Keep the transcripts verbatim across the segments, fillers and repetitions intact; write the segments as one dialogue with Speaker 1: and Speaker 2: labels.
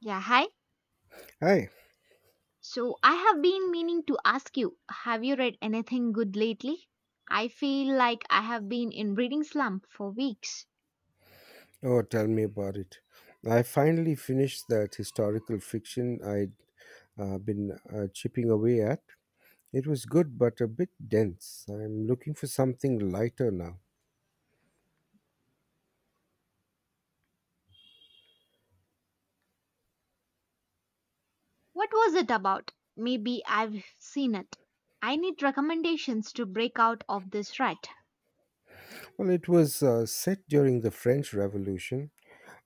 Speaker 1: Yeah, hi.
Speaker 2: Hi.
Speaker 1: So I have been meaning to ask you, have you read anything good lately? I feel like I have been in reading slump for weeks.
Speaker 2: Oh, tell me about it. I finally finished that historical fiction I'd uh, been uh, chipping away at. It was good, but a bit dense. I'm looking for something lighter now.
Speaker 1: What was it about? Maybe I've seen it. I need recommendations to break out of this rut.
Speaker 2: Well, it was uh, set during the French Revolution,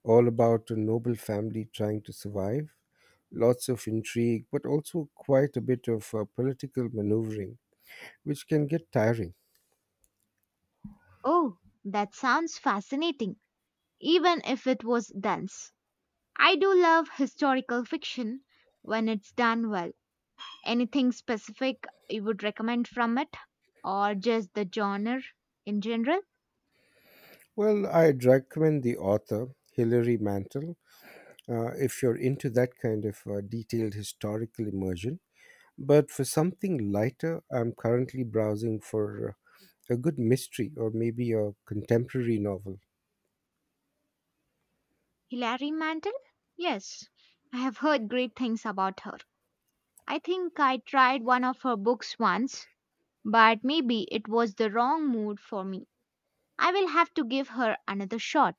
Speaker 2: all about a noble family trying to survive. Lots of intrigue, but also quite a bit of uh, political maneuvering, which can get tiring.
Speaker 1: Oh, that sounds fascinating, even if it was dense. I do love historical fiction when it's done well. Anything specific you would recommend from it, or just the genre in general?
Speaker 2: Well, I'd recommend the author, Hilary Mantel. Uh, if you're into that kind of uh, detailed historical immersion. But for something lighter, I'm currently browsing for uh, a good mystery or maybe a contemporary novel.
Speaker 1: Hilary Mantel? Yes, I have heard great things about her. I think I tried one of her books once, but maybe it was the wrong mood for me. I will have to give her another shot.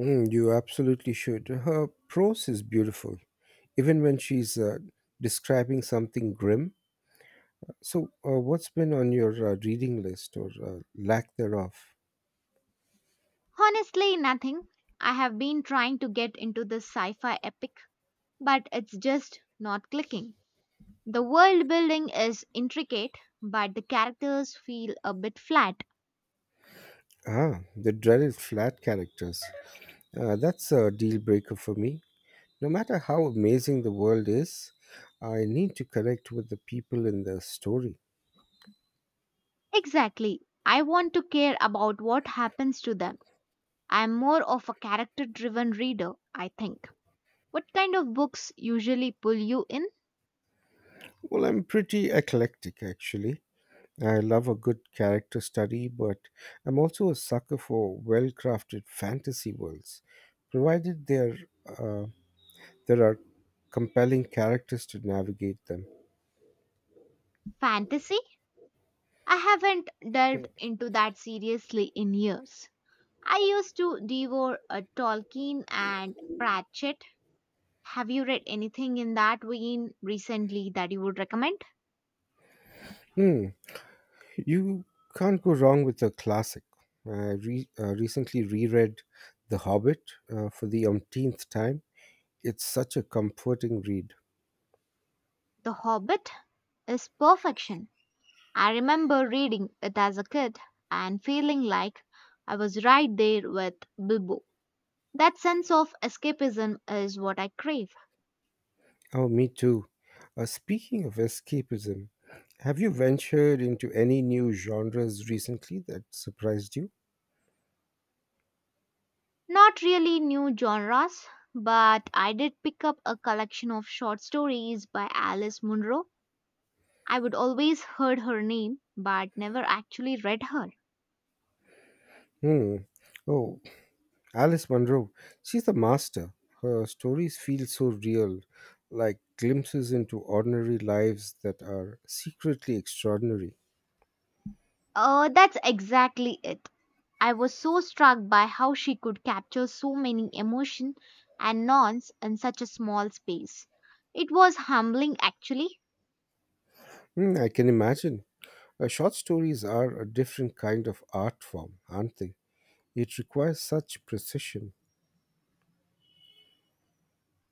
Speaker 2: Mm, you absolutely should. Her prose is beautiful, even when she's uh, describing something grim. So, uh, what's been on your uh, reading list or uh, lack thereof?
Speaker 1: Honestly, nothing. I have been trying to get into this sci fi epic, but it's just not clicking. The world building is intricate, but the characters feel a bit flat.
Speaker 2: Ah, the dreaded flat characters. Uh, that's a deal breaker for me. No matter how amazing the world is, I need to connect with the people in the story.
Speaker 1: Exactly. I want to care about what happens to them. I'm more of a character driven reader, I think. What kind of books usually pull you in?
Speaker 2: Well, I'm pretty eclectic actually. I love a good character study, but I'm also a sucker for well crafted fantasy worlds, provided there, uh, there are compelling characters to navigate them.
Speaker 1: Fantasy? I haven't delved into that seriously in years. I used to devour a Tolkien and Pratchett. Have you read anything in that vein recently that you would recommend?
Speaker 2: Hmm, you can't go wrong with a classic. I re- uh, recently reread The Hobbit uh, for the umpteenth time. It's such a comforting read.
Speaker 1: The Hobbit is perfection. I remember reading it as a kid and feeling like I was right there with Bilbo. That sense of escapism is what I crave.
Speaker 2: Oh, me too. Uh, speaking of escapism, have you ventured into any new genres recently that surprised you?
Speaker 1: Not really new genres, but I did pick up a collection of short stories by Alice Munro. I would always heard her name, but never actually read her.
Speaker 2: Hmm. Oh, Alice Munro. She's a master. Her stories feel so real, like glimpses into ordinary lives that are secretly extraordinary.
Speaker 1: Oh, that's exactly it. I was so struck by how she could capture so many emotion and nuance in such a small space. It was humbling actually.
Speaker 2: Hmm, I can imagine. Uh, short stories are a different kind of art form, aren't they? It requires such precision.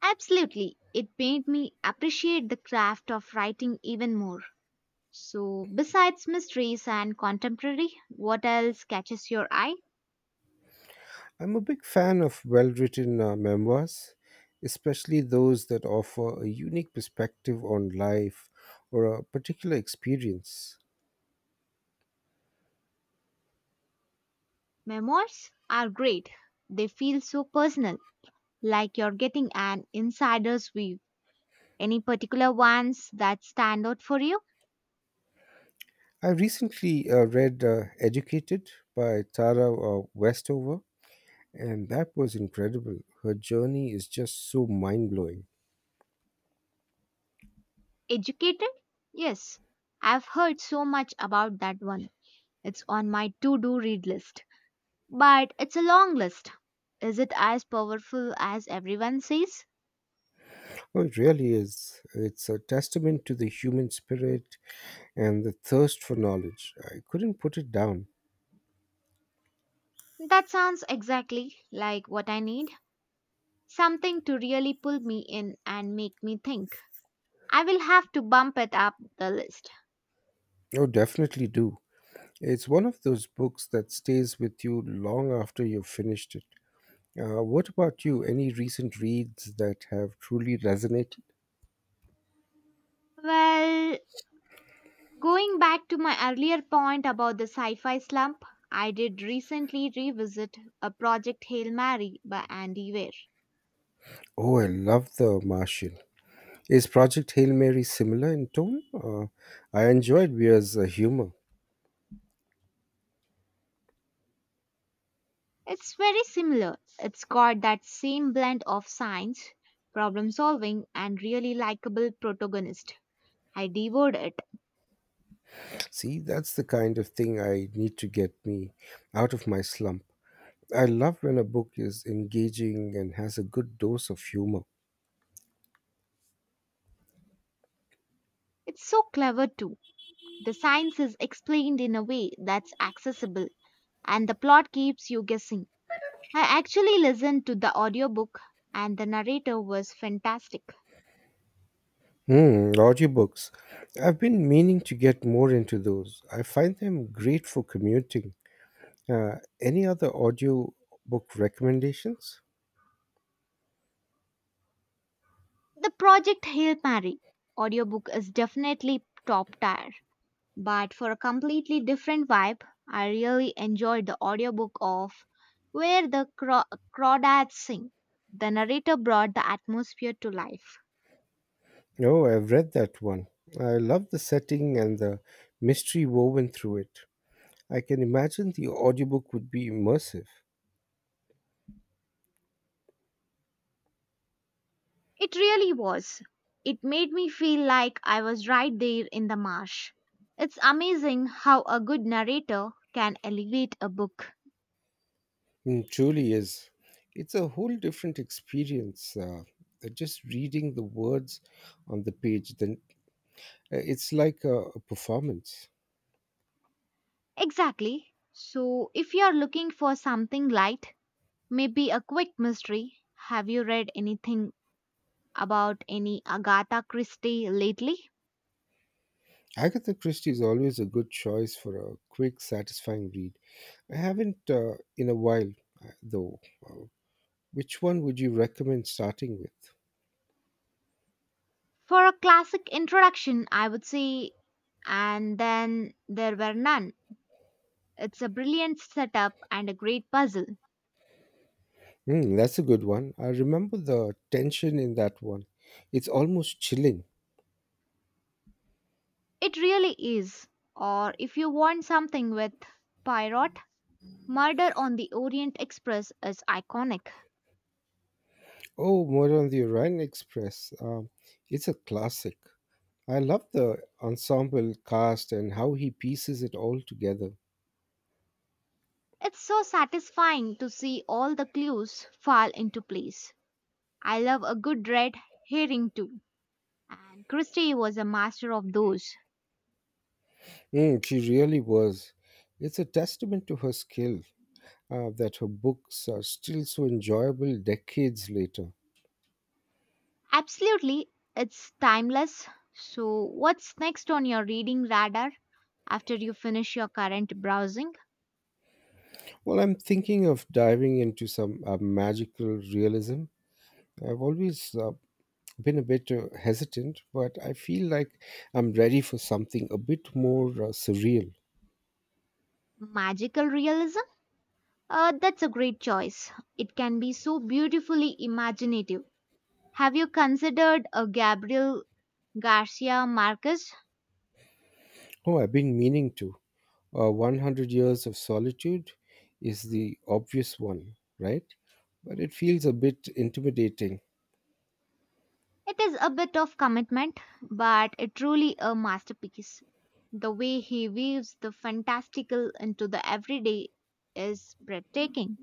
Speaker 1: Absolutely. It made me appreciate the craft of writing even more. So, besides mysteries and contemporary, what else catches your eye?
Speaker 2: I'm a big fan of well written uh, memoirs, especially those that offer a unique perspective on life or a particular experience.
Speaker 1: Memoirs are great. They feel so personal, like you're getting an insider's view. Any particular ones that stand out for you?
Speaker 2: I recently uh, read uh, Educated by Tara uh, Westover, and that was incredible. Her journey is just so mind blowing.
Speaker 1: Educated? Yes, I've heard so much about that one. It's on my to do read list, but it's a long list. Is it as powerful as everyone says?
Speaker 2: Oh, it really is. It's a testament to the human spirit and the thirst for knowledge. I couldn't put it down.
Speaker 1: That sounds exactly like what I need. Something to really pull me in and make me think. I will have to bump it up the list.
Speaker 2: Oh, definitely do. It's one of those books that stays with you long after you've finished it. Uh, what about you? Any recent reads that have truly resonated?
Speaker 1: Well, going back to my earlier point about the sci fi slump, I did recently revisit a project Hail Mary by Andy Weir.
Speaker 2: Oh, I love The Martian. Is Project Hail Mary similar in tone? Uh, I enjoyed Weir's uh, humor.
Speaker 1: It's very similar. It's got that same blend of science, problem solving, and really likable protagonist. I devoured it.
Speaker 2: See, that's the kind of thing I need to get me out of my slump. I love when a book is engaging and has a good dose of humor.
Speaker 1: It's so clever too. The science is explained in a way that's accessible and the plot keeps you guessing. I actually listened to the audiobook and the narrator was fantastic.
Speaker 2: Hmm, audiobooks. I've been meaning to get more into those. I find them great for commuting. Uh, any other audio book recommendations?
Speaker 1: The Project Hail Mary audiobook is definitely top tier, but for a completely different vibe, I really enjoyed the audiobook of Where the Craw- Crawdads Sing. The narrator brought the atmosphere to life.
Speaker 2: Oh, I've read that one. I love the setting and the mystery woven through it. I can imagine the audiobook would be immersive.
Speaker 1: It really was. It made me feel like I was right there in the marsh. It's amazing how a good narrator can elevate a book.
Speaker 2: Mm, truly is. It's a whole different experience. Uh, just reading the words on the page, then uh, it's like a, a performance.
Speaker 1: Exactly. So, if you're looking for something light, maybe a quick mystery, have you read anything about any Agatha Christie lately?
Speaker 2: Agatha Christie is always a good choice for a quick, satisfying read. I haven't uh, in a while, uh, though. Uh, which one would you recommend starting with?
Speaker 1: For a classic introduction, I would say, and then there were none. It's a brilliant setup and a great puzzle.
Speaker 2: Hmm, that's a good one. I remember the tension in that one. It's almost chilling.
Speaker 1: It really is. Or if you want something with Poirot, Murder on the Orient Express is iconic.
Speaker 2: Oh, more on the Orient Express. Um, it's a classic. I love the ensemble cast and how he pieces it all together.
Speaker 1: It's so satisfying to see all the clues fall into place. I love a good red herring too, and Christie was a master of those.
Speaker 2: Hmm, she really was. It's a testament to her skill. Uh, that her books are still so enjoyable decades later.
Speaker 1: Absolutely, it's timeless. So, what's next on your reading radar after you finish your current browsing?
Speaker 2: Well, I'm thinking of diving into some uh, magical realism. I've always uh, been a bit uh, hesitant, but I feel like I'm ready for something a bit more uh, surreal.
Speaker 1: Magical realism? Uh, that's a great choice. It can be so beautifully imaginative. Have you considered a Gabriel Garcia Marquez?
Speaker 2: Oh, I've been meaning to. Uh, one hundred Years of Solitude is the obvious one, right? But it feels a bit intimidating.
Speaker 1: It is a bit of commitment, but it truly a masterpiece. The way he weaves the fantastical into the everyday is breathtaking.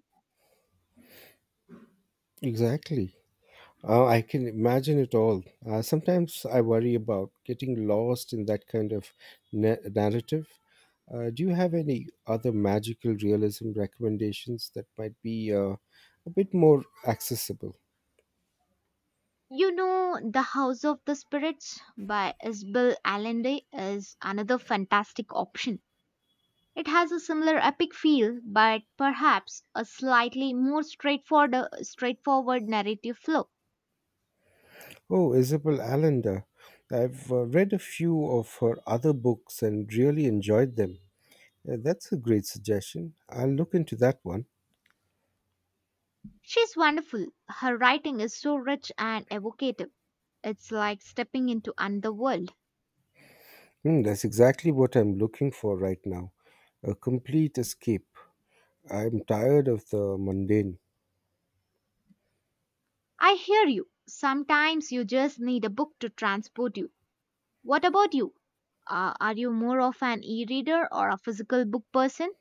Speaker 2: Exactly. Uh, I can imagine it all. Uh, sometimes I worry about getting lost in that kind of na- narrative. Uh, do you have any other magical realism recommendations that might be uh, a bit more accessible?
Speaker 1: You know, The House of the Spirits by Isabel Allende is another fantastic option. It has a similar epic feel, but perhaps a slightly more straightforward, straightforward narrative flow.
Speaker 2: Oh, Isabel Allender. I've uh, read a few of her other books and really enjoyed them. Uh, that's a great suggestion. I'll look into that one.
Speaker 1: She's wonderful. Her writing is so rich and evocative. It's like stepping into another world.
Speaker 2: Hmm, that's exactly what I'm looking for right now, a complete escape. I'm tired of the mundane.
Speaker 1: I hear you. Sometimes you just need a book to transport you. What about you? Uh, are you more of an e reader or a physical book person?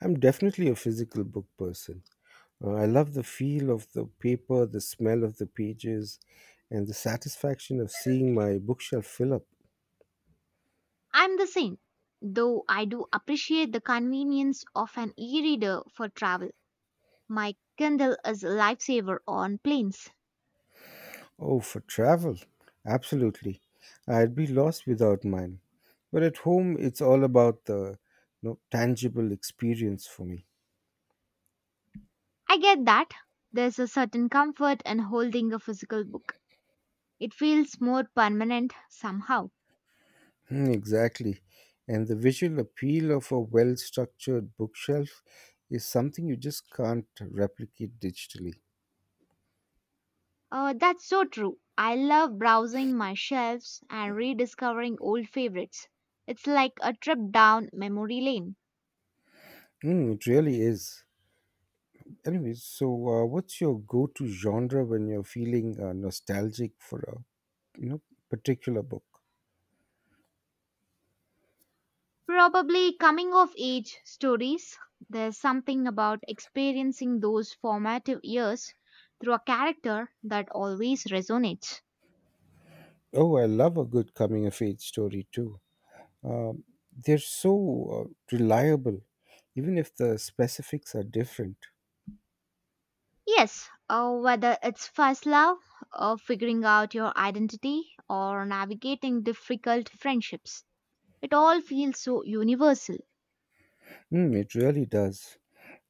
Speaker 2: I'm definitely a physical book person. Uh, I love the feel of the paper, the smell of the pages, and the satisfaction of seeing my bookshelf fill up.
Speaker 1: I'm the same, though I do appreciate the convenience of an e reader for travel. My Kindle is a lifesaver on planes.
Speaker 2: Oh, for travel, absolutely. I'd be lost without mine. But at home, it's all about the, you know, tangible experience for me.
Speaker 1: I get that. There's a certain comfort in holding a physical book. It feels more permanent somehow.
Speaker 2: Hmm, exactly. And the visual appeal of a well structured bookshelf is something you just can't replicate digitally.
Speaker 1: Uh, that's so true. I love browsing my shelves and rediscovering old favorites. It's like a trip down memory lane.
Speaker 2: Mm, it really is. Anyway, so uh, what's your go-to genre when you're feeling uh, nostalgic for a, you know particular book?
Speaker 1: Probably coming of age stories. There's something about experiencing those formative years through a character that always resonates.
Speaker 2: Oh, I love a good coming-of-age story too. Um, they're so uh, reliable, even if the specifics are different.
Speaker 1: Yes, uh, whether it's first love, or figuring out your identity, or navigating difficult friendships, it all feels so universal.
Speaker 2: Mm, it really does.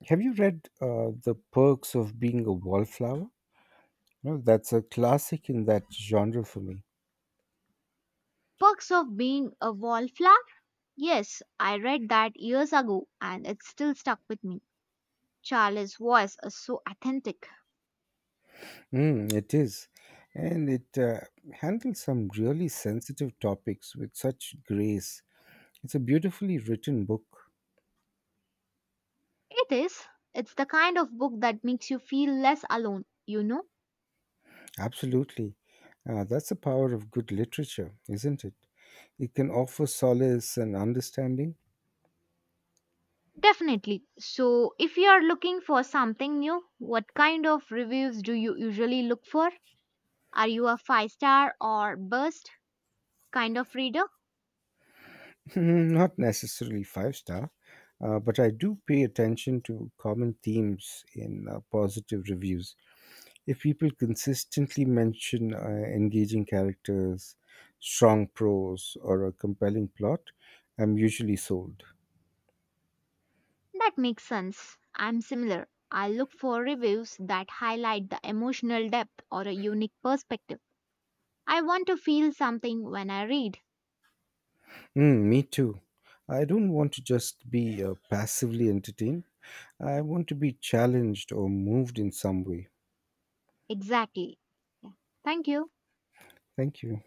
Speaker 2: Have you read uh, The Perks of Being a Wallflower? No, that's a classic in that genre for me.
Speaker 1: Perks of being a wallflower? Yes, I read that years ago and it still stuck with me. Charlie's voice is so authentic.
Speaker 2: Mm, it is. And it uh, handles some really sensitive topics with such grace. It's a beautifully written book.
Speaker 1: It is. It's the kind of book that makes you feel less alone, you know?
Speaker 2: Absolutely. Uh, that's the power of good literature, isn't it? It can offer solace and understanding.
Speaker 1: Definitely. So, if you are looking for something new, what kind of reviews do you usually look for? Are you a five star or burst kind of reader?
Speaker 2: Not necessarily five star, uh, but I do pay attention to common themes in uh, positive reviews. If people consistently mention uh, engaging characters, strong prose, or a compelling plot, I'm usually sold.
Speaker 1: That makes sense. I'm similar. I look for reviews that highlight the emotional depth or a unique perspective. I want to feel something when I read.
Speaker 2: Mm, me too. I don't want to just be uh, passively entertained. I want to be challenged or moved in some way.
Speaker 1: Exactly. Yeah. Thank you.
Speaker 2: Thank you.